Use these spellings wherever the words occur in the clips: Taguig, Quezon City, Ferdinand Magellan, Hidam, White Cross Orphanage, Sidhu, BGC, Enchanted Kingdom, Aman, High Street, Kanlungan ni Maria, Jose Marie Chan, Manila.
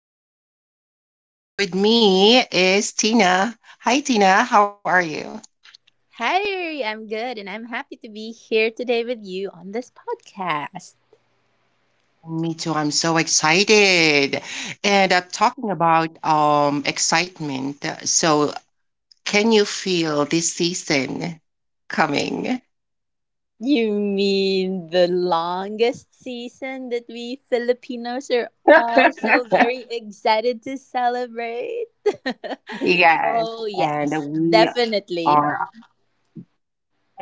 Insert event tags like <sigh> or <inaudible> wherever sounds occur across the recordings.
By the way, I'm Riri and together with me is Tina. Hi, Tina. How are you? Hi, I'm good and I'm happy to be here today with you on this podcast. Me too. I'm so excited. And talking about excitement, so can you feel this season coming? You mean the longest season that we Filipinos are <laughs> also very excited to celebrate? <laughs> Yes, oh, and yes, definitely. are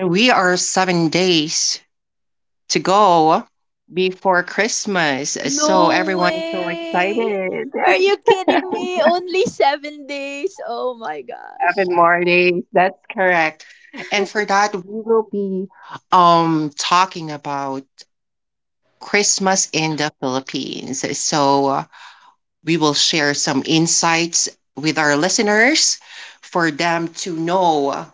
we are 7 days to go before Christmas. So No everyone is so way! excited. Are you <laughs> kidding 7 me? Only 7 days. Oh my gosh. more days. That's correct. And for that, we will be talking about Christmas in the Philippines. So we will share some insights with our listeners for them to know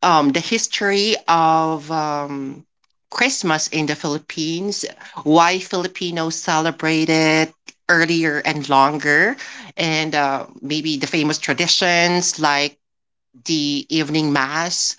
the history of Christmas in the Philippines, why Filipinos celebrate it earlier and longer, and maybe the famous traditions like the evening mass,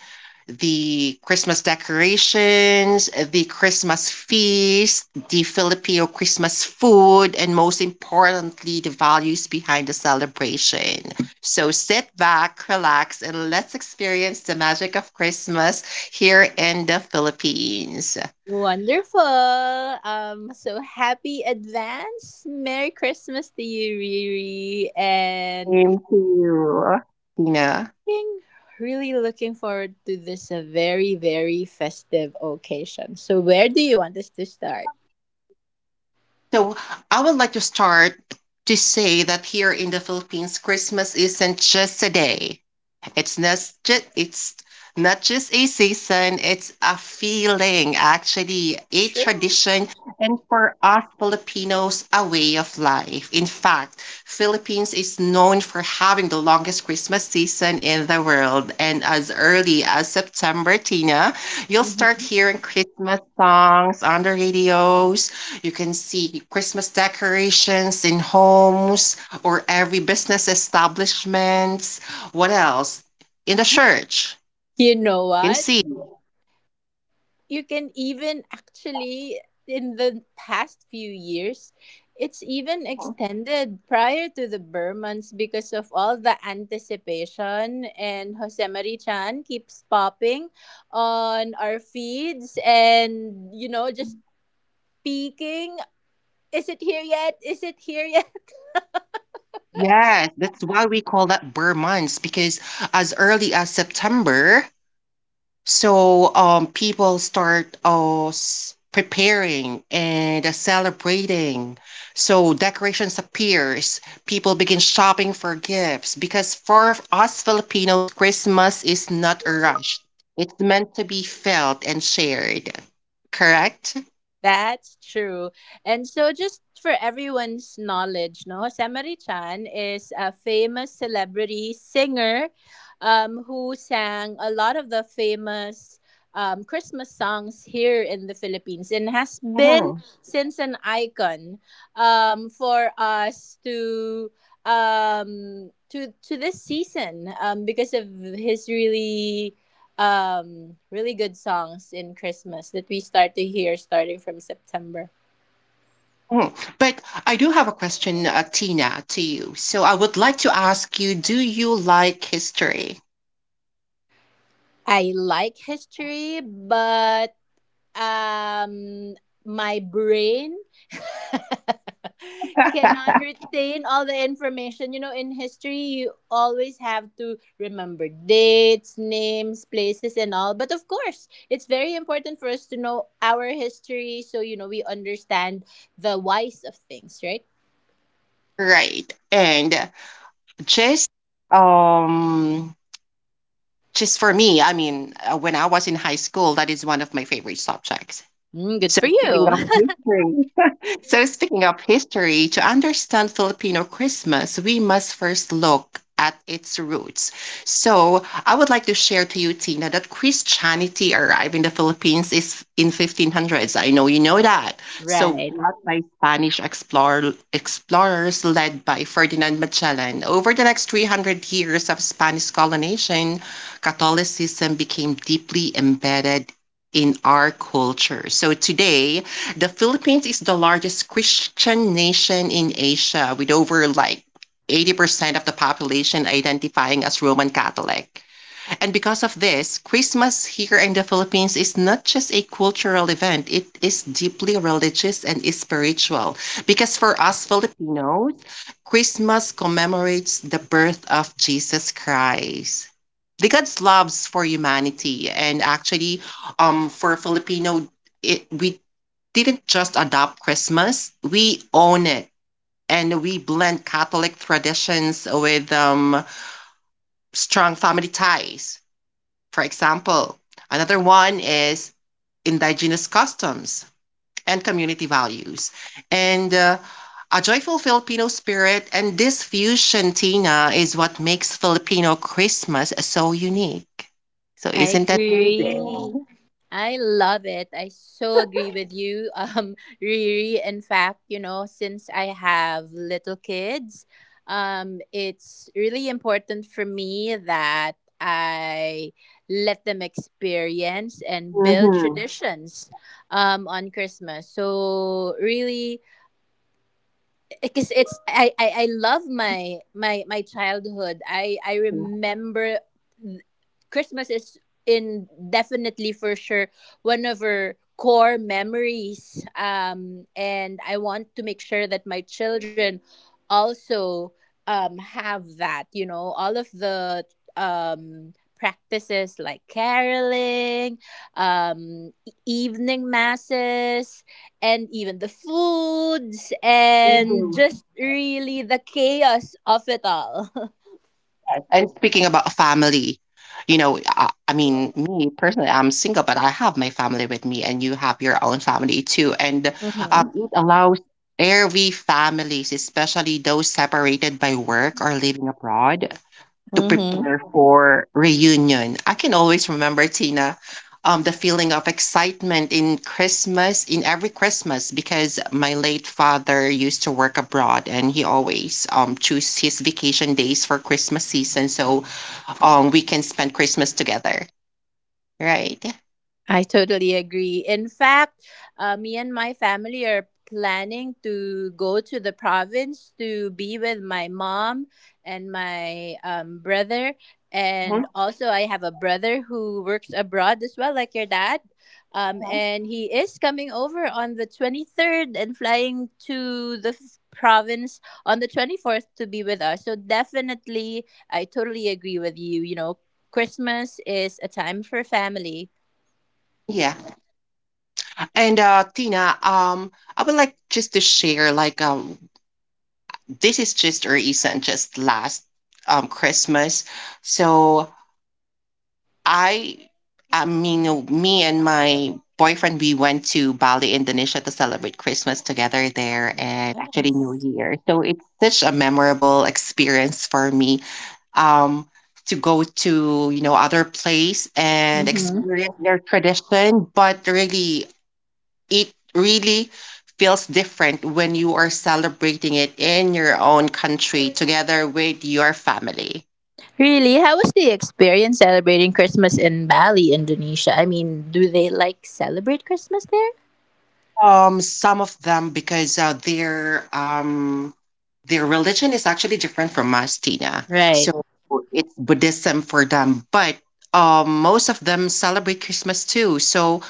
the Christmas decorations, the Christmas feast, the Filipino Christmas food, and most importantly, the values behind the celebration. So sit back, relax, and let's experience the magic of Christmas here in the Philippines. Wonderful. So happy advance. Merry Christmas to you, Riri. And Thank you. Tina. being really looking forward to this a very, very festive occasion. So where do you want us to start? So I would like to start to say that here in the Philippines, Christmas isn't just a day. It's not it's not just a season, it's a feeling, actually, a Sure. tradition, and for us Filipinos, a way of life. In fact, Philippines is known for having the longest Christmas season in the world. And as early as September, Tina, you'll start Mhm. hearing Christmas songs on the radios. You can see Christmas decorations in homes or every business establishments. What else? In the church. You know You can what? see. You can even actually in the past few years it's even extended prior to the Burmans because of all the anticipation, and Jose Marie Chan keeps popping on our feeds, and just peeking, is it here yet, is it here yet? Yes, that's why we call that Burr months because as early as September, so people start preparing and celebrating. So decorations appears, people begin shopping for gifts because for us Filipinos, Christmas is not rushed. It's meant to be felt and shared. Correct? That's true. And so, just for everyone's knowledge, no, Samari Chan is a famous celebrity singer who sang a lot of the famous Christmas songs here in the Philippines and has been since an icon for us to to this season because of his really really good songs in Christmas that we start to hear starting from September. Mhm. But I do have a question, Tina, to you. So I would like to ask you, do you like history? I like history, but um my brain <laughs> cannot retain all the information. You know, in history, you always have to remember dates, names, places, and all. But of course, it's very important for us to know our history so, you know, we understand the whys of things, right? Right. And just um just for me, I mean, when I was in high school, that is one of my favorite subjects. Mm, good So for speaking you. of history, to understand Filipino Christmas, we must first look at its roots. So, I would like to share to you, Tina, that Christianity arrived in the Philippines is in 1500s. I know you know that. <laughs> So, Right. brought by Spanish explorers led by Ferdinand Magellan. Over the next 300 years of Spanish colonization, Catholicism became deeply embedded in our culture. So today, the Philippines is the largest Christian nation in Asia with over like 80% of the population identifying as Roman Catholic. And because of this, Christmas here in the Philippines is not just a cultural event, it is deeply religious and spiritual. Because for us Filipinos, Christmas commemorates the birth of Jesus Christ. The God's loves for humanity and actually um for Filipino we didn't just adopt Christmas, we own it. And we blend Catholic traditions with strong family ties. For example, another one is indigenous customs and community values. And a joyful Filipino spirit. And this fusion, Tina, is what makes Filipino Christmas so unique. So, I isn't agree. I love it. I so agree with you, <laughs> Riri. In fact, you know, since I have little kids, it's really important for me that I let them experience and build Mhm. traditions on Christmas. So, really, because it's I love my childhood. I remember th- Christmas is in definitely for sure one of our core memories. And I want to make sure that my children also have that. You know, all of the um practices like caroling, evening masses, and even the foods and that? just really the chaos of it all. <laughs> Yes. And speaking about family, you know, me personally, I'm single, but I have my family with me, and you have your own family too. And Mm-hmm. It allows every families, especially those separated by work or living abroad, to Mm-hmm. prepare for reunion. I can always remember Tina, the feeling of excitement in Christmas, in every Christmas, because my late father used to work abroad and he always choose his vacation days for Christmas season, so we can spend Christmas together, right? I totally agree. In fact, me and my family are planning to go to the province to be with my mom and my brother. And Mhm. also, I have a brother who works abroad as well, like your dad. And he is coming over on the 23rd and flying to the province on the 24th to be with us. So, definitely, I totally agree with you. You know, Christmas is a time for family. Yeah. And Tina, I would like just to share like this is just or isn't just last Christmas. So I, me and my boyfriend, we went to Bali, Indonesia to celebrate Christmas together there and actually New Year. So it's such a memorable experience for me, um, to go to, you know, other place and experience their tradition. But really, it really feels different when you are celebrating it in your own country together with your family. Really? How was the experience celebrating Christmas in Bali, Indonesia? I mean, do they like celebrate Christmas there? Some of them because their religion is actually different from us, Tina. Right. So it's Buddhism for them, but most of them celebrate Christmas too. So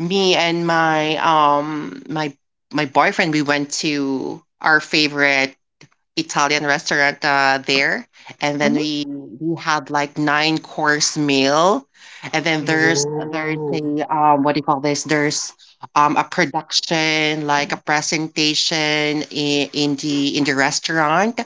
me and my boyfriend we went to our favorite Italian restaurant there, and then we Mm-hmm. we had like 9 course meal, and then there's Oh. a what do you call this? There's a production like a presentation in the restaurant.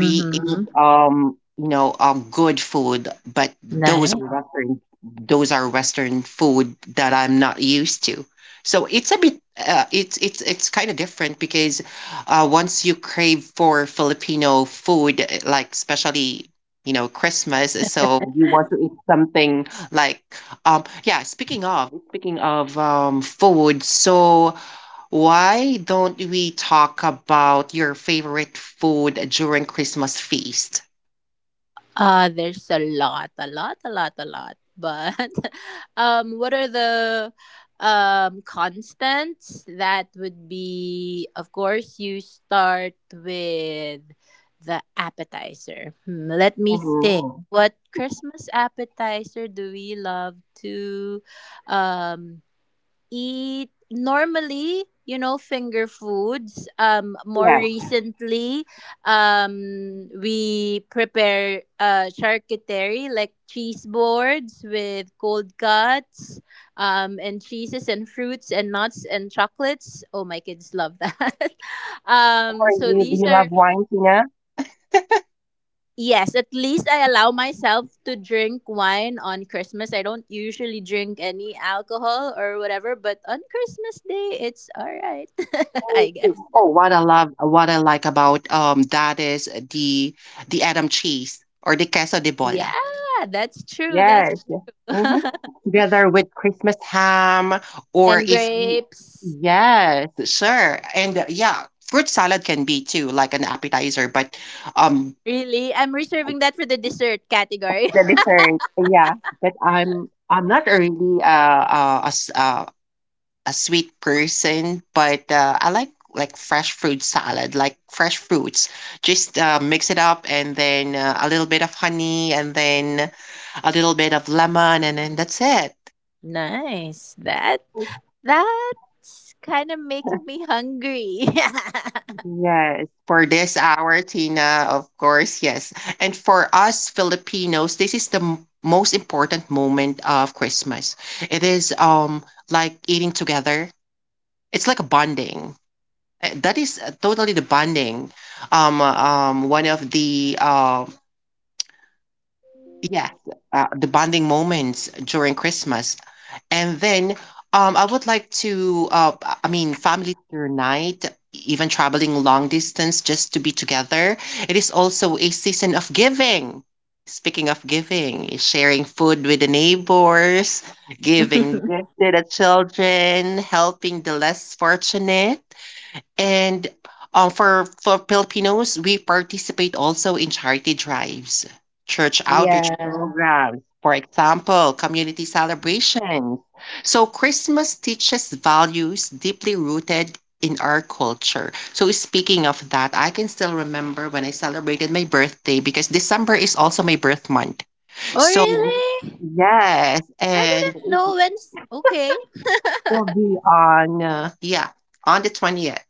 We eat you know good food, but Nice. Those are Western food that I'm not used to. So it's a bit it's kind of different because once you crave for Filipino food, eh, like especially you know Christmas, so you want to eat something like yeah. Speaking of food, so why don't we talk about your favorite food during Christmas feast? There's a lot, a lot, a lot, a lot. But <laughs> what are the constants? That would be, of course, you start with the appetizer. Hmm, let me think. Mhm. What Christmas appetizer do we love to um, eat, normally, you know, finger foods? More Yes. recently we prepare charcuterie like cheese boards with cold cuts and cheeses and fruits and nuts and chocolates. Oh, my kids love that. <laughs> How um are so you? Do these you are love wine, Tina? Yes, at least I allow myself to drink wine on Christmas. I don't usually drink any alcohol or whatever, but on Christmas Day, it's all right, <laughs> Me I too. guess. Oh, what I love, what I like about that is the Adam cheese or the queso de Yeah, bola. that's true. That's Yes. Mm-hmm. true. <laughs> Together with Christmas ham, or And if you, grapes. yes, sure, and yeah, fruit salad can be too, like an appetizer, but um Really? I'm reserving that for the dessert category. the dessert, yeah. But I'm not a really a sweet person, but I like fresh fruit salad, like fresh fruits. Just mix it up and then a little bit of honey and then a little bit of lemon and then that's it. <laughs> Nice. That's kind of making me hungry. <laughs> Yes, for this hour, Tina, of course, yes. And for us Filipinos, this is the most important moment of Christmas. It is like eating together. It's like a bonding. That is totally the bonding. One of the yeah, the bonding moments during Christmas, and then I would like to. I mean, family reunite, even traveling long distance just to be together. It is also a season of giving. Speaking of giving, sharing food with the neighbors, giving <laughs> gifts to the children, helping the less fortunate. And, for Filipinos, we participate also in charity drives, church outreach Yeah. programs, for example, community celebrations. So Christmas teaches values deeply rooted in our culture. So speaking of that, I can still remember when I celebrated my birthday because December is also my birth month. Oh, So really? yes, I and didn't know when. Okay. will be on on the 20th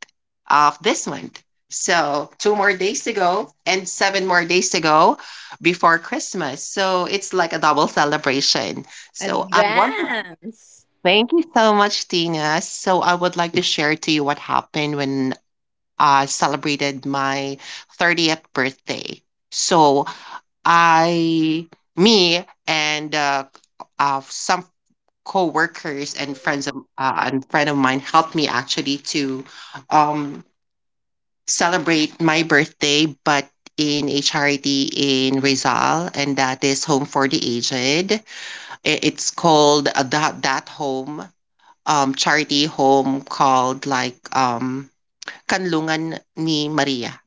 of this month, so 2 more days to go and 7 more days to go before Christmas, so it's like a double celebration. So I want to Advance. thank you so much, Tina. So I would like to share to you what happened when I celebrated my 30th birthday. So I Me and some co-workers and friend of mine helped me actually to um, celebrate my birthday, but in a charity in Rizal, and that is Home for the Aged. It's called that home charity home called like Kanlungan ni Maria.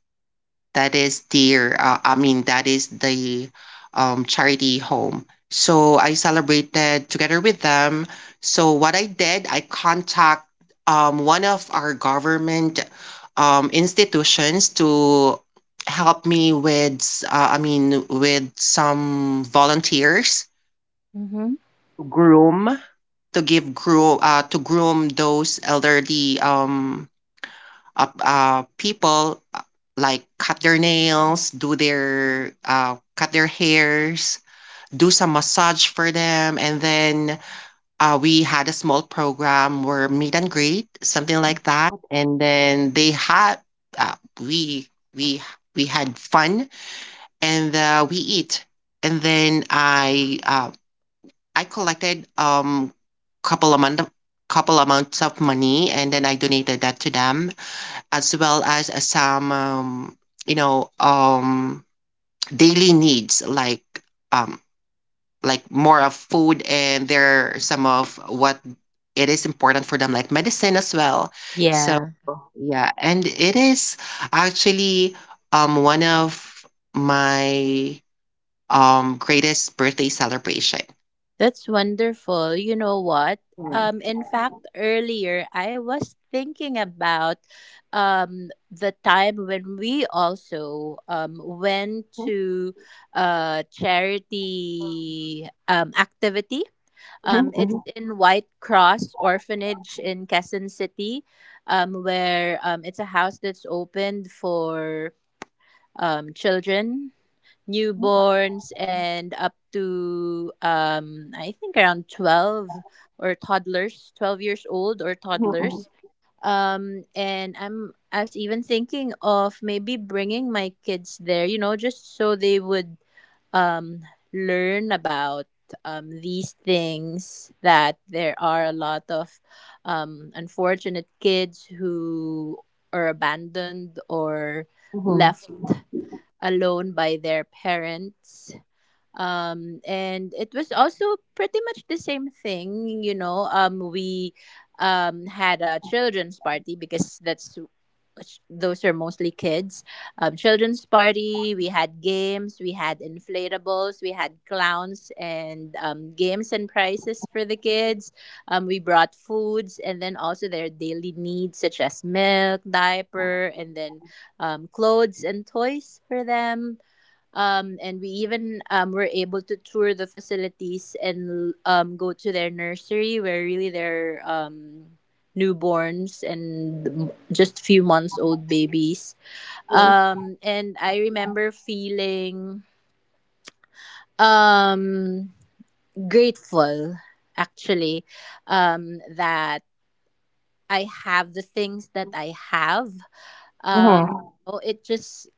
That is their, that is the charity home. So I celebrated together with them. So what I did, I contact one of our government institutions to help me with, with some volunteers Mm-hmm. groom to give groom to groom those elderly people, like cut their nails, do their cut their hairs, do some massage for them, and then we had a small program where meet and greet, something like that, and then they had uh, we we we had fun and we eat, and then I collected couple amount of couple amounts of money and then I donated that to them as well as some you know daily needs um, like more of food and there are some of what it is important for them like medicine as well so Yeah, yeah and it is actually one of my greatest birthday celebration. that's wonderful. You know what? Yes. In fact, earlier I was thinking about the time when we also went Mhm, to a charity activity. It's mhm, in White Cross Orphanage in Quezon City, where it's a house that's opened for children, newborns and up to I think around 12 or toddlers, 12 years old or toddlers. And I was even thinking of maybe bringing my kids there, you know, just so they would um learn about these things, that there are a lot of unfortunate kids who are abandoned or mhm, left alone by their parents. And it was also pretty much the same thing, you know. We had a children's party because that's those are mostly kids. Children's party. We had games. We had inflatables. We had clowns and games and prizes for the kids. We brought foods and then also their daily needs such as milk, diaper, and then clothes and toys for them. And we even were able to tour the facilities and go to their nursery where really their newborns and just few months old babies. mhm, And I remember feeling um, grateful actually that I have the things that I have. Um, mhm, oh, it just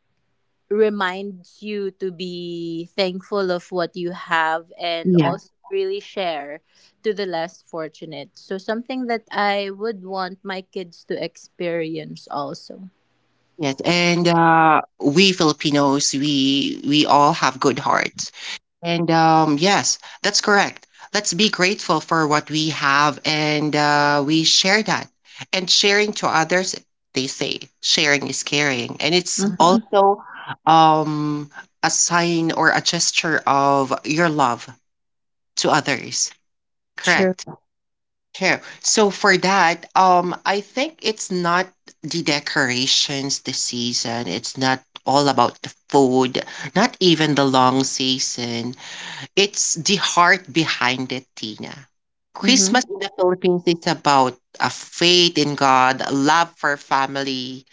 reminds you to be thankful of what you have and mhm. also really share to the less fortunate. So something that I would want my kids to experience also. Yes, and we Filipinos, we all have good hearts. And yes, that's correct. Let's be grateful for what we have, and we share that. And sharing to others, they say, sharing is caring, and it's Mhm. also um, a sign or a gesture of your love to others. True. Correct. True. So for that, I think it's not the decorations this season. It's not all about the food, not even the long season. It's the heart behind it, Tina. Hmm. Christmas in the Philippines is about a faith in God, a love for family,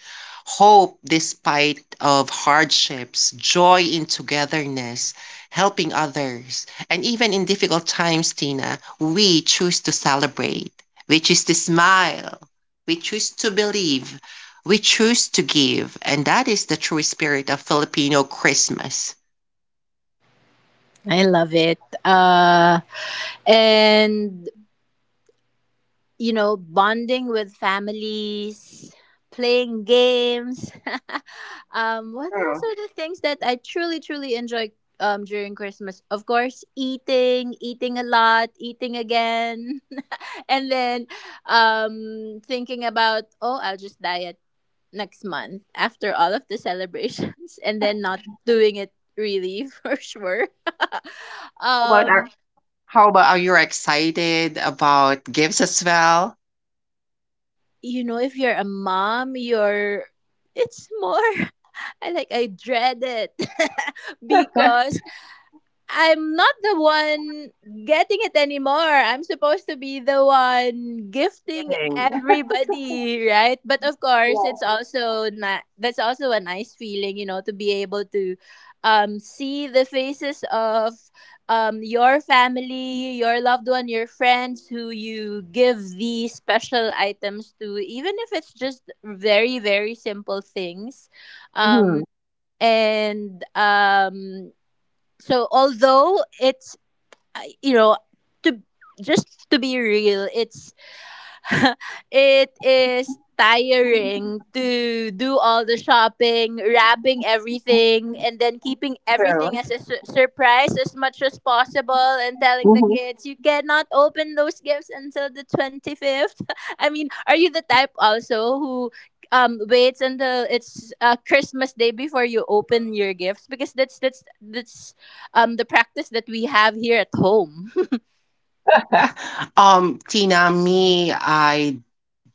hope despite of hardships, joy in togetherness, helping others, and even in difficult times, Tina, we choose to celebrate. We choose to smile. We choose to believe. We choose to give, and that is the true spirit of Filipino Christmas. I love it. And you know, bonding with families, playing games. <laughs> What else are True. the things that I truly, truly enjoy during Christmas? Of course, eating, eating a lot, eating again, <laughs> and then thinking about, oh, I'll just diet next month after all of the celebrations, <laughs> and then not doing it really <laughs> for sure. <laughs> How about um, our How about are you excited about gifts as well? you know, if you're a mom, you're it's more, I like, I dread it <laughs> because I'm not the one getting it anymore. I'm supposed to be the one gifting Giving. everybody, right? But of course, it's also not that's also a nice feeling, you know, to be able to see the faces of your family, your loved one, your friends who you give these special items to, even if it's just very, very simple things, um Mhm, and so although it's you know, to just to be real, it's <laughs> it is tiring to do all the shopping, wrapping everything, and then keeping everything true. as a surprise as much as possible, and telling the Mhm. kids, you cannot open those gifts until the 25th. <laughs> I mean, are you the type also who waits until it's Christmas Day before you open your gifts? Because that's the practice that we have here at home. <laughs> <laughs> Tina, me, I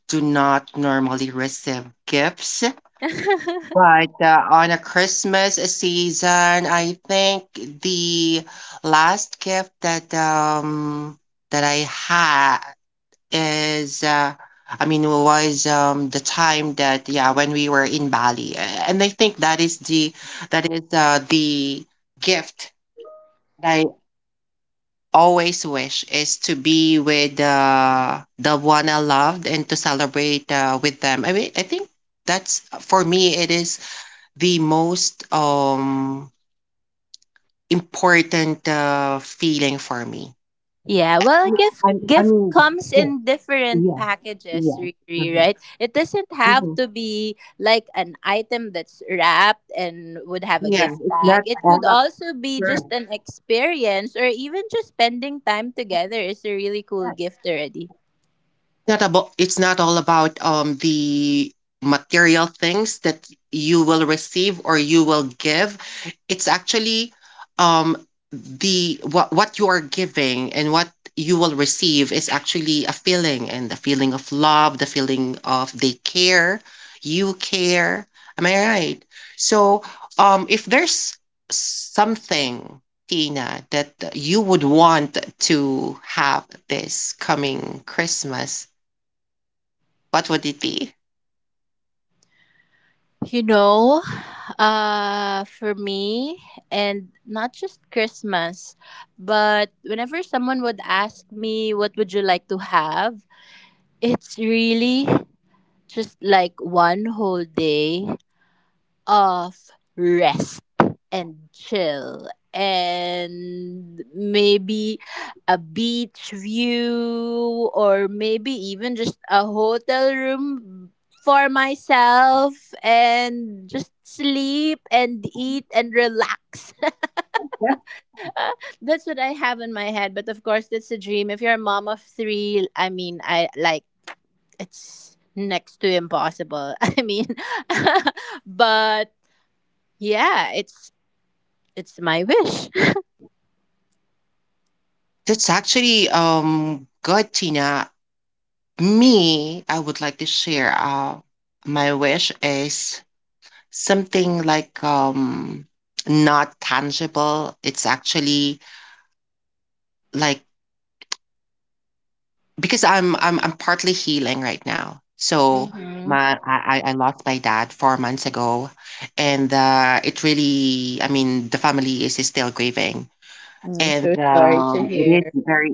do not normally receive gifts, <laughs> but on a Christmas season, I think the last gift that I had is, I mean, was the time that yeah when we were in Bali, and I think that is the gift that I always wish is to be with the one I loved and to celebrate with them. I mean, I think that's for me it is the most important feeling for me. Yeah, well, gift I gift mean, comes yes, in different yes, packages, yes. Riri, Mm-hmm. right? It doesn't have Mm-hmm. to be like an item that's wrapped and would have a Yeah, gift it's not tag. It all. could also be Correct. just an experience, or even just spending time together is a really cool gift already. Not about it's not all about the material things that you will receive or you will give. It's actually um the what you are giving and what you will receive is actually a feeling and the feeling of love, the feeling of they care, you care. Am I right? So if there's something, Tina, that you would want to have this coming Christmas, what would it be? You know, for me, and not just Christmas, but whenever someone would ask me, what would you like to have? It's really just like one whole day of rest and chill, and maybe a beach view, or maybe even just a hotel room for myself, and just sleep and eat and relax. <laughs> Yeah. That's what I have in my head. But of course, that's a dream. If you're a mom of three, I mean, I like it's next to impossible. <laughs> I mean, <laughs> but yeah, it's my wish. That's actually good, Tina. Me, I would like to share my wish is something like not tangible. It's actually like because I'm partly healing right now. So Hmm. my I lost my dad 4 months ago, and it really, I mean, the family is still grieving, I'm and so sorry to it is hear. very,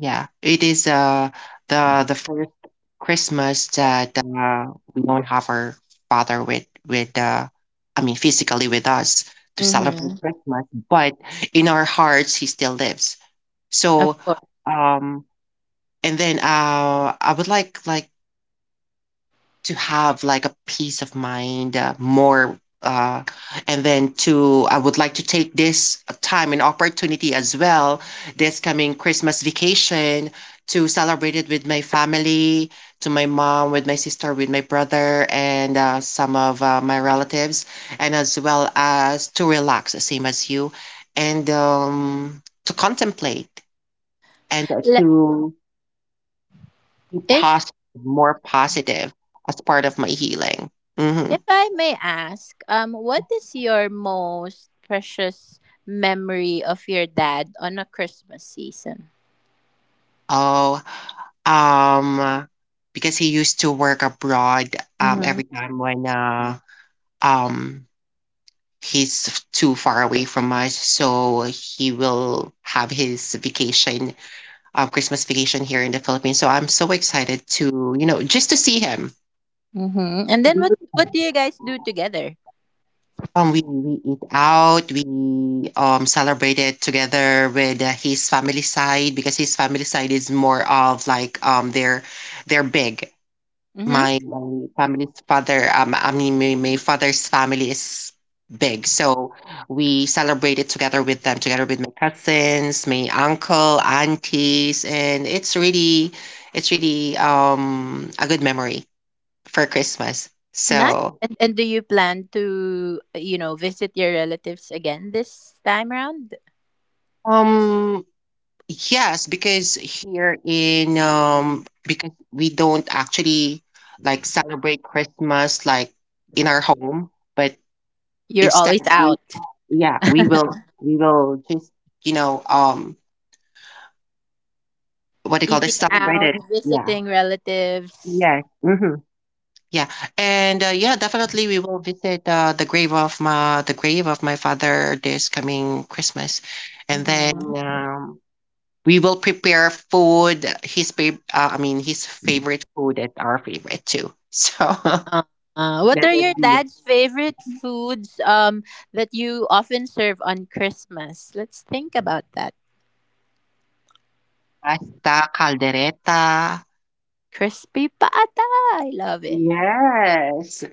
yeah, it is the first christmas that we don't have our father with, I mean, physically with us to celebrate Mm-hmm. christmas. But in our hearts he still lives. Of So course. um and then I would like to have like a peace of mind, more, and then to I would like to take this time and opportunity as well, this coming Christmas vacation, to celebrate it with my family, to my mom, with my sister, with my brother, and some of my relatives, and as well as to relax, the same as you, and to contemplate and Le- to be if positive, more positive as part of my healing. Hmm. if I may ask, what is your most precious memory of your dad on a Christmas season? Oh, um, because he used to work abroad, Mm-hmm. every time when, um, he's too far away from us, so he will have his vacation, Christmas vacation here in the Philippines. So I'm so excited to, you know, just to see him. Mm-hmm. And then We- what do you guys do together? we eat out, we celebrated together with his family side because his family side is more of like they're big. My family's father, I mean, my father's family is big, so we celebrated together with them, together with my cousins, my uncle, aunties, and it's really a good memory for Christmas. Nice. So, And do you plan to, you know, visit your relatives again this time around? um, yes, because here in because we don't actually like celebrate Christmas like in our home, but You're instead always we. out, Yeah, we will just, you know, what do you call this, eating celebrate out, it. Yeah. visiting relatives. Yes. Hmm. Yeah. And yeah, definitely we will visit the grave of my father this coming christmas. And then Mm-hmm. We will prepare food, his I mean, his favorite food and our favorite too. <laughs> So Uh, what that are would your be dad's favorite foods that you often serve on Christmas? Let's think about that. pasta caldereta. Crispy pata. I love it. Yes.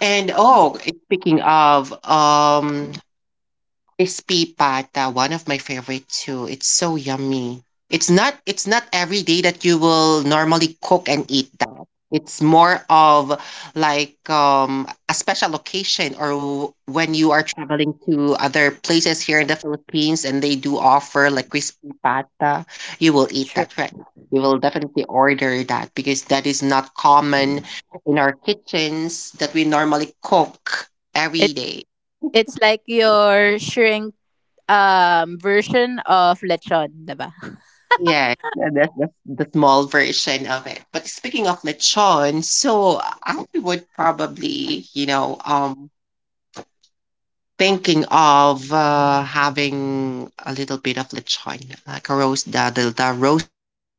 And oh, eh, speaking of Crispy pata, one of my favorite too. It's so yummy. It's not every day that you will normally cook and eat that. It's more of like a special occasion or when you are traveling to other places here in the Philippines and they do offer like crispy pata, you will eat Sure. that, right? You will definitely order that because that is not common in our kitchens that we normally cook It every day. it's like your shrink version of lechon, 'di ba? <laughs> Yeah, that's the small version of it. But speaking of lechon, so I would probably, you know, thinking of having a little bit of lechon, like a roast, the roast pig.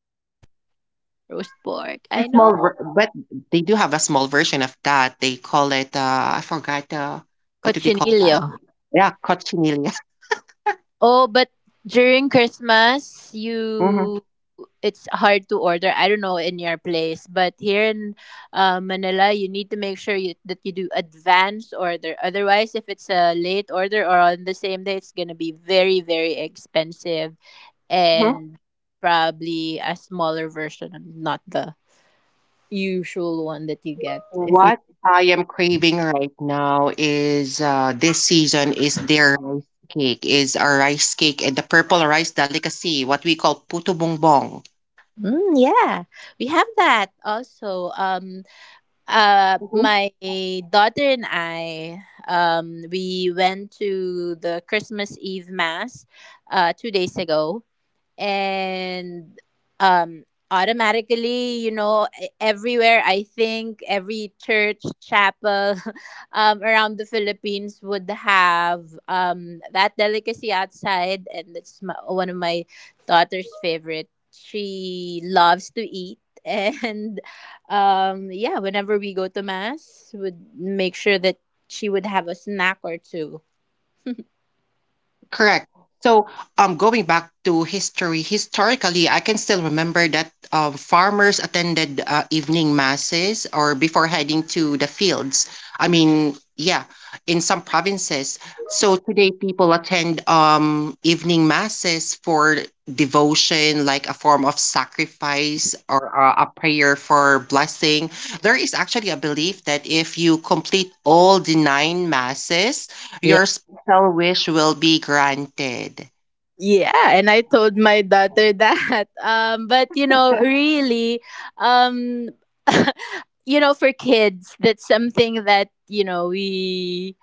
Roast pork. The I small, know. But they do have a small version of that. They call it, I forgot, what do they call that? Cochinillo. Yeah, cochinilla. Oh, but during Christmas, <laughs> you it's hard to order. I don't know in your place, but here in Manila, you need to make sure that you do advance order. Otherwise, if it's a late order or on the same day, it's gonna be very, very expensive Hmm. and probably a smaller version, not the usual one that you get if you. What I am craving right now is this season is their rice cake, is a rice cake and the purple rice delicacy, what we call puto bongbong. Mm, yeah, we have that also. My daughter and I, we went to the Christmas Eve mass, 2 days ago, and um automatically, you know, everywhere, I think every church, chapel <laughs> around the Philippines would have that delicacy outside, and that's my, one of my daughter's favorite. She loves to eat <laughs> and yeah, whenever we go to mass, would make sure that she would have a snack or two. <laughs> Correct. So, going back to history, historically, I can still remember that farmers attended evening masses or before heading to the fields. I mean, yeah, in some provinces. So today, people attend evening masses for devotion, like a form of sacrifice or a prayer for blessing. There is actually a belief that if you complete all the nine masses, Yeah. your shall wish will be granted. Yeah, and I told my daughter that. <laughs> But you know, really, um, <laughs> you know, for kids, that's something that you know we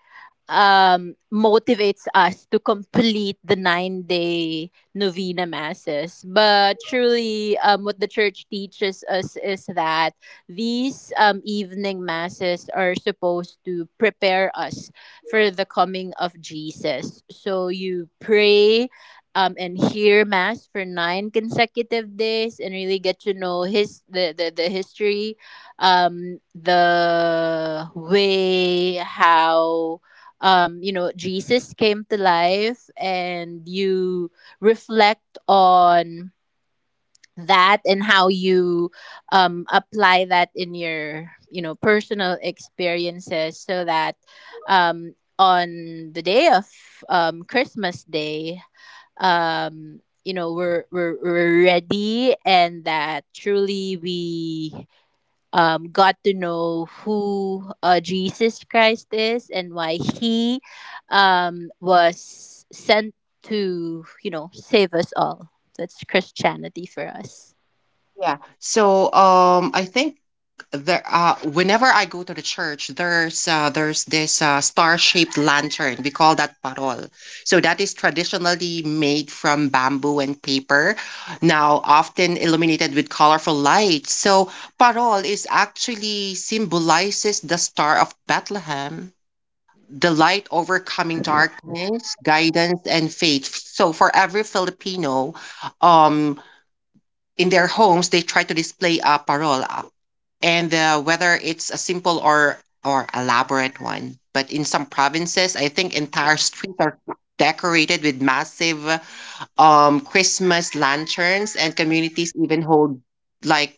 motivates us to complete the 9 day novena masses. But truly, what the church teaches us is that these evening masses are supposed to prepare us for the coming of Jesus. So you pray. And hear mass for 9 consecutive days and really get to know the history the way how Jesus came to life, and you reflect on that and how you apply that in your, personal experiences so that, um, on the day of Christmas Day, we're ready, and that truly we got to know who Jesus Christ is and why he was sent to, save us all. That's Christianity for us. Yeah. So I think there whenever I go to the church there's this star-shaped lantern. We call that parol. So that is traditionally made from bamboo and paper, now often illuminated with colorful lights. So parol is actually symbolizes the star of Bethlehem, the light overcoming darkness, guidance, and faith. So, for every Filipino, um, in their homes they try to display a parola, and whether it's a simple or elaborate one. But in some provinces I think entire streets are decorated with massive christmas lanterns, and communities even hold like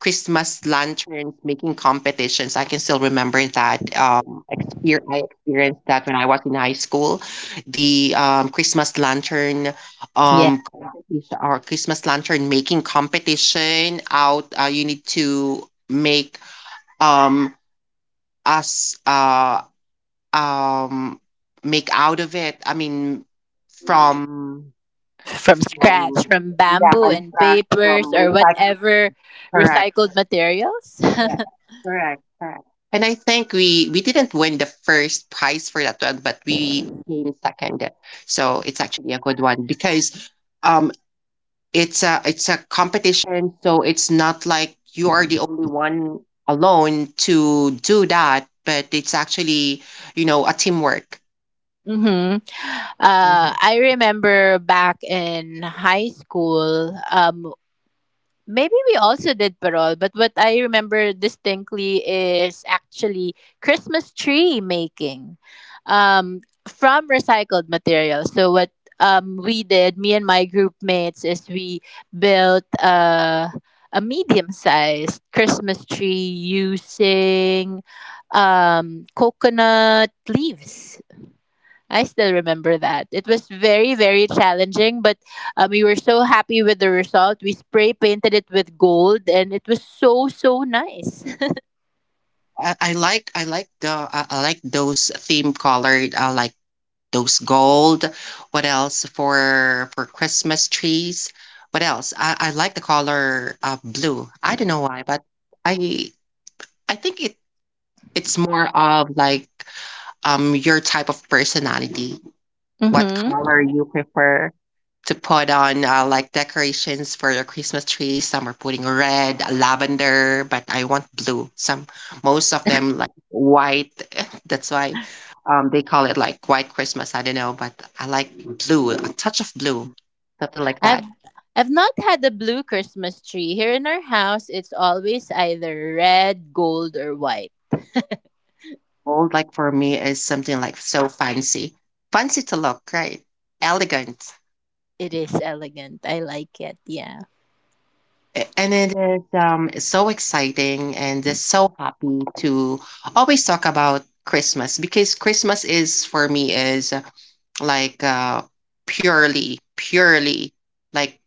Christmas lanterns making competitions. I can still remember that. I experienced that when I was in high school. The Christmas lantern Yeah. Competition or Christmas lantern making competition out. You need to make um, us um, make out of it. I mean, from From from scratch, from yeah, bamboo from and scratch, papers from or recycled. whatever Correct. recycled materials. Yeah. <laughs> Correct, correct. And I think we didn't win the first prize for that one, but we came second. So it's actually a good one because um it's a competition, so it's not like you are the only one alone to do that, but it's actually, you know, a teamwork. hmm Mhm. I remember back in high school. Maybe we also did parole, but what I remember distinctly is actually Christmas tree making, um, from recycled material. So what we did, me and my group mates, is we built a medium-sized Christmas tree using coconut leaves. I still remember that. It was very, very challenging, but we were so happy with the result. We spray painted it with gold, and it was so, so nice. <laughs> I like the I like those theme colored like those gold. What else for Christmas trees? What else? I like the color blue. I don't know why, but I I think it it's more of like your type of personality. What color Mm-hmm. you prefer to put on like decorations for your Christmas tree? Some are putting red, lavender, but I want blue. Some, most of them like white. <laughs> That's why they call it like white Christmas. I don't know, but I like blue, a touch of blue, something like that. I've I've not had a blue Christmas tree here in our house. It's always either red, gold, or white. Gold, like for me, is something like so fancy, fancy to look, right? Elegant. It is elegant. I like it. Yeah. And it is so exciting and just so happy to always talk about Christmas because Christmas is for me is like purely, purely like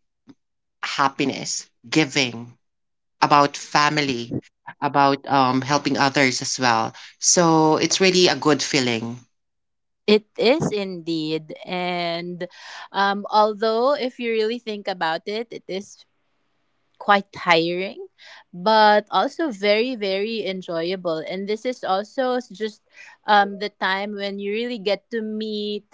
happiness, giving, about family, about helping others as well. So it's really a good feeling. It is indeed. And although, if you really think about it, it is quite tiring, but also very, very enjoyable. And this is also just the time when you really get to meet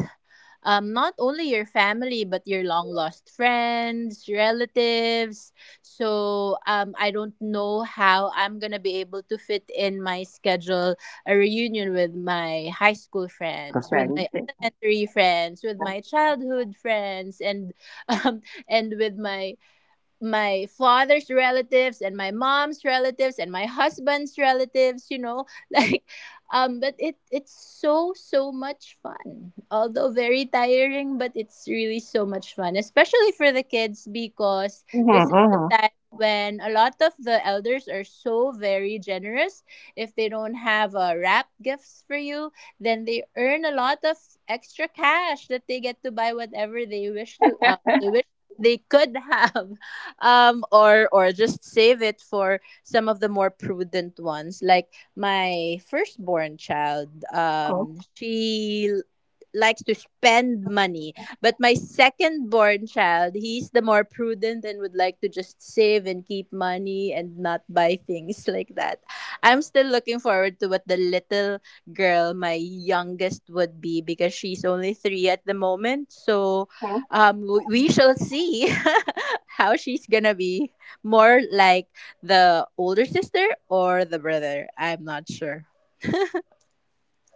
not only your family, but your long lost friends, relatives. So I don't know how I'm going to be able to fit in my schedule a reunion with my high school friends, with my Okay. elementary friends, with my childhood friends, and <laughs> um, and with my my father's relatives, and my mom's relatives, and my husband's relatives, you know. <laughs> like but it's so, so much fun. Although very tiring, but it's really so much fun, especially for the kids, because this is the time when a lot of the elders are so very generous. If they don't have wrap gifts for you, then they earn a lot of extra cash that they get to buy whatever they wish to, they wish they could <laughs> have, or just save it for some of the more prudent ones. Like my firstborn child, um, likes to spend money, but my secondborn child, he's the more prudent and would like to just save and keep money and not buy things <laughs> like that. I'm still looking forward to what the little girl, my youngest, would be because she's only three at the moment. So we shall see <laughs> how she's gonna be more like the older sister or the brother. I'm not sure.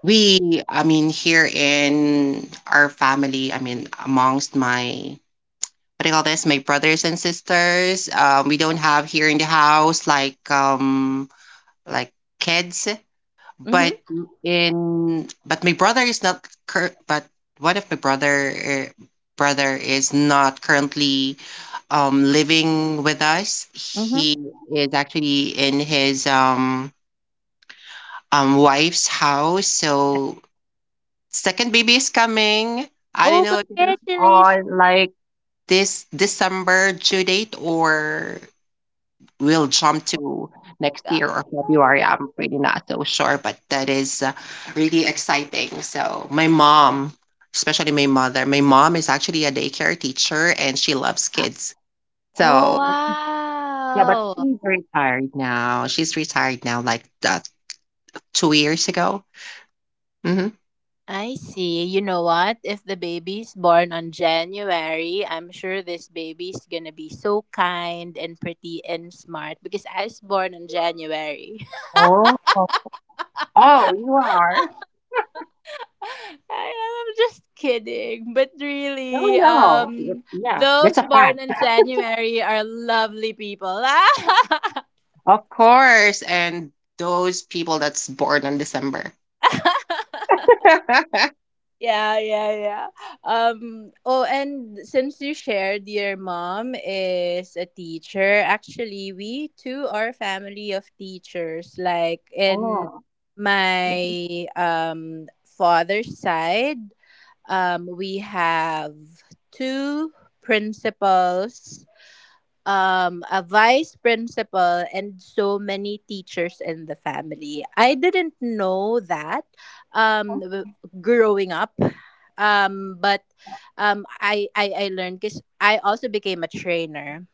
We, I mean, here in our family, I mean, amongst my, what do you call this? My brothers and sisters. We don't have here in the house like kids, Mm-hmm. but in but my brother is not cur- but one of my uh, brother is not currently living with us. Mm-hmm. He is actually in his wife's house. So second baby is coming. I don't Oh, know if it is congratulations. on like this December due date or we'll jump to next Ga- year or February. I'm really not so sure, but that is really exciting. So, my mom, especially my mother, my mom is actually a daycare teacher and she loves <gasps> kids. oh, So, yeah, but wow. she's retired now. She's retired now, like 2 years ago. Hmm. I see. You know what, if the baby's born on January, I'm sure this baby's gonna be so kind and pretty and smart, because I was born on January. Oh, oh, you are? I- I'm just kidding. But No, really, no. Yeah, that's those a fact. born in January are lovely people. <laughs> Of course. And those people that's born on December. <laughs> Yeah, yeah, yeah. Oh, and since you shared your mom is a teacher, actually, we too are a family of teachers. Like in Oh. my father's side, we have two principals, a vice principal, and so many teachers in the family. I didn't know that um, w- growing up, but I learned because I also became a trainer.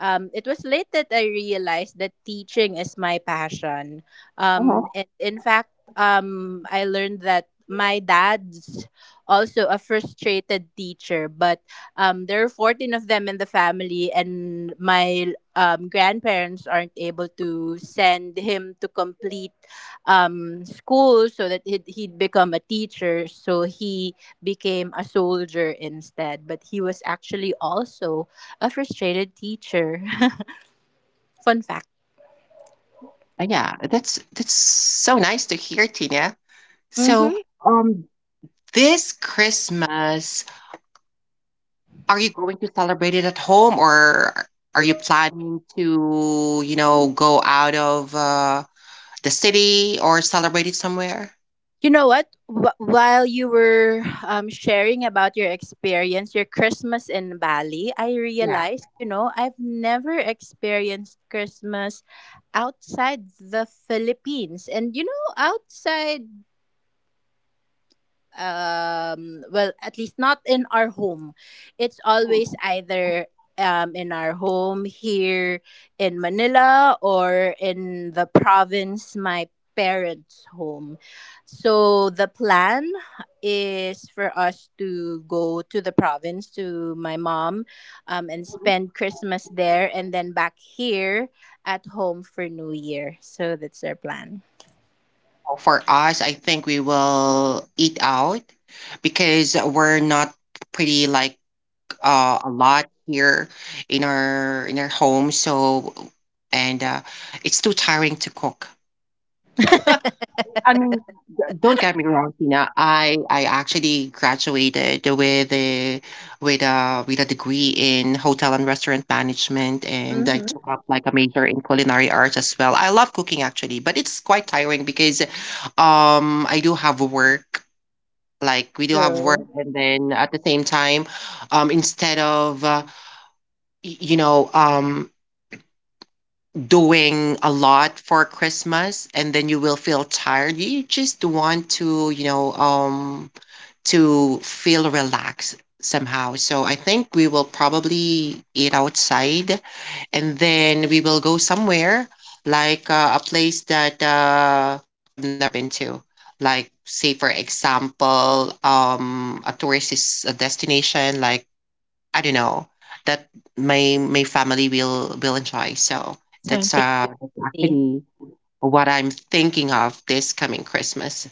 It was late that I realized that teaching is my passion. Uh-huh. And in fact, I learned that my dad's also a frustrated teacher, but there are 14 of them in the family, and my grandparents aren't able to send him to complete school so that he'd become a teacher. So he became a soldier instead, but he was actually also a frustrated teacher. <laughs> Fun fact. Yeah, that's so nice to hear, Tina. So, Mm-hmm. um, this Christmas, are you going to celebrate it at home, or are you planning to, you know, go out of the city or celebrate it somewhere? You know what? While you were sharing about your experience, your Christmas in Bali, I Yeah. realized, you know, I've never experienced Christmas outside the Philippines. And, you know, outside, well, at least not in our home. It's always either in our home here in Manila or in the province, my parents' home. So the plan is for us to go to the province, to my mom, and Mhm. spend Christmas there, and then back here at home for New Year. So that's our plan. For us, I think we will eat out because we're not pretty like a lot here in our home. So and it's too tiring to cook. <laughs> Mm-hmm. I mean, don't get me wrong, Tina. I actually graduated with a with a degree in hotel and restaurant management, and I took up like a major in culinary arts as well. I love cooking actually, but it's quite tiring because, I do have work. Like we do have work, True. and then at the same time, instead of you know, doing a lot for Christmas and then you will feel tired. You just want to, you know, to feel relaxed somehow. So I think we will probably eat outside and then we will go somewhere like a place that we have never been to. Like, say, for example, a a destination like I don't know, that my family will enjoy. So Something to that's see. actually what I'm thinking of this coming Christmas.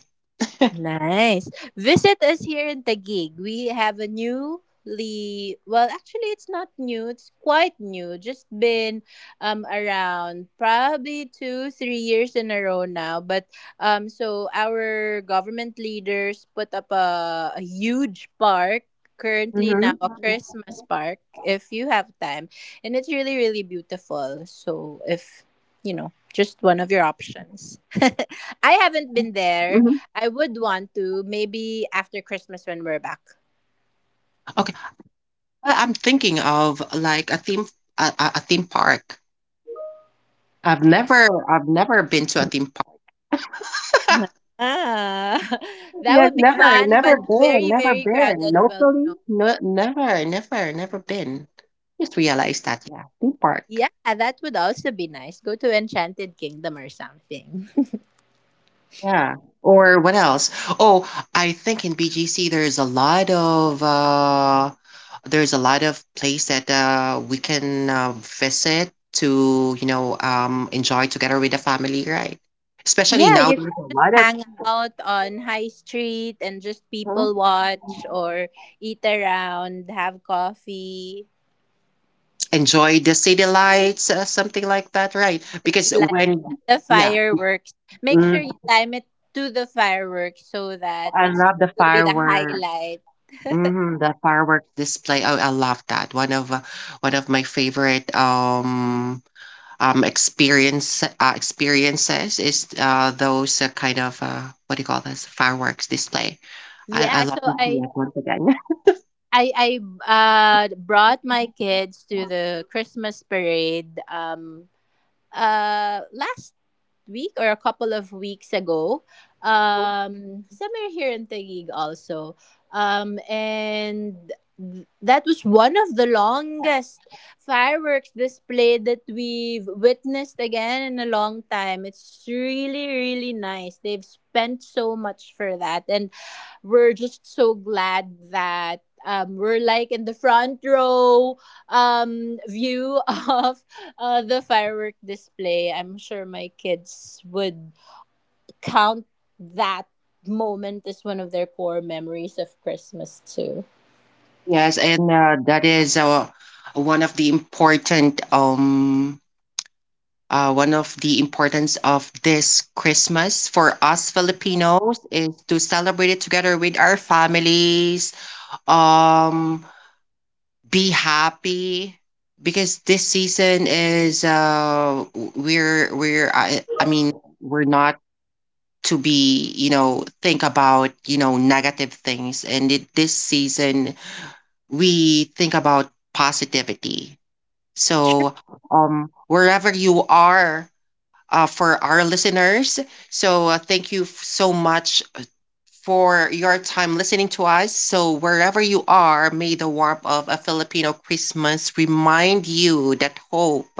Nice. Visit us here in Taguig. We have a newly, well, actually, it's not new. It's quite new. Just been around probably two, 3 years in a row now. But so our government leaders put up a huge park, currently now Mhm. a Christmas park. If you have time, and it's really, really beautiful. So if, you know, just one of your options. <laughs> I haven't been there. Mhm. I would want to maybe after Christmas when we're back. Okay, I- I'm thinking of like a theme, a theme park. I've never been to a theme park. <laughs> Ah, <laughs> that Yes, would be never, fun, but never been, very, never very been crowded. Well, locally. no. No, never, never, never been. Just realized that. Yeah, theme park. Yeah, that would also be nice. Go to Enchanted Kingdom or something. <laughs> Yeah. Or what else? Oh, I think in BGC there's a lot of there's a lot of place that we can visit to, you know, enjoy together with the family, right? Especially Yeah, now you there's can a just lot of. hang out on High Street and just people Mhm. watch or eat around, have coffee, Enjoy the city lights, something like that, right? Because see like when the yeah, fireworks. Make mm, sure you time it to the fireworks so that I it's love the going to be the firework. highlight. Hmm, the firework display. Oh, I love that. One of my favorite experiences is those kind of what do you call this, fireworks display. I Yeah, so love to see I it once again. I I brought my kids to the Christmas parade, last week or a couple of weeks ago. Um, somewhere here in Taguig also. Um, and that was one of the longest fireworks display that we've witnessed again in a long time. It's really, really nice. They've spent so much for that, and we're just so glad that we're like in the front row view <laughs> of the firework display. I'm sure my kids would count that moment as one of their core memories of Christmas too. <laughs> Yes, and that is one of the important um one of the importance of this Christmas for us Filipinos is to celebrate it together with our families. Um, be happy because this season is w- we're I mean, we're not to, be you know, think about, you know, negative things. And it, this season we think about positivity. So wherever you are, for our listeners. So thank you so much for your time listening to us. So wherever you are, may the warmth of a Filipino Christmas remind you that hope,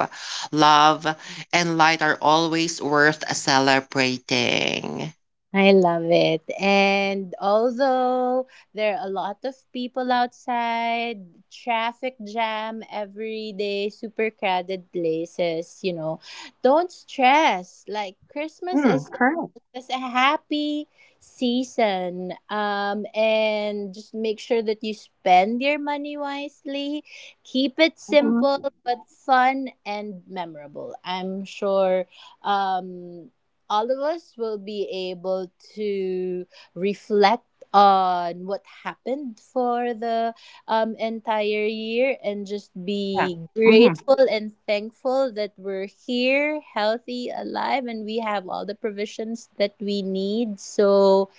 love, and light are always worth celebrating. I love it. And although there are a lot of people outside, traffic jam every day, super crowded places, you know, don't stress. Like Christmas Mm, correct. is a happy season. And just make sure that you spend your money wisely. Keep it simple Hmm. but fun and memorable. I'm sure um all of us will be able to reflect on what happened for the entire year and just Yeah. be Hmm. grateful and thankful that we're here, healthy, alive, and we have all the provisions that we need. So,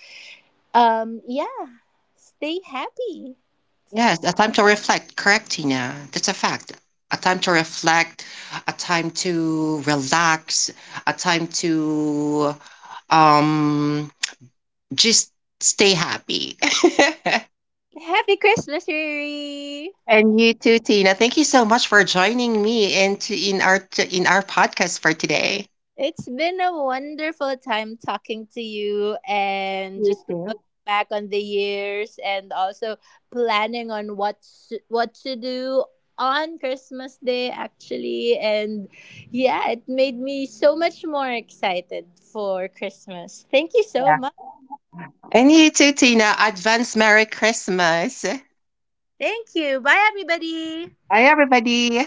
yeah, stay happy. Yes, a time to reflect. Correct, Tina. That's a fact. A time to reflect, a time to relax, a time to um just stay happy. Happy Christmas, Riri! <laughs> And you too, Tina, thank you so much for joining me and to in our podcast for today. It's been a wonderful time talking to you and You just too. looking back on the years, and also planning on what what to do on Christmas Day, actually. And yeah, it made me so much more excited for Christmas. Thank you so Yeah. much. And you too, Tina, advance merry christmas. Thank you. Bye everybody. Bye, everybody.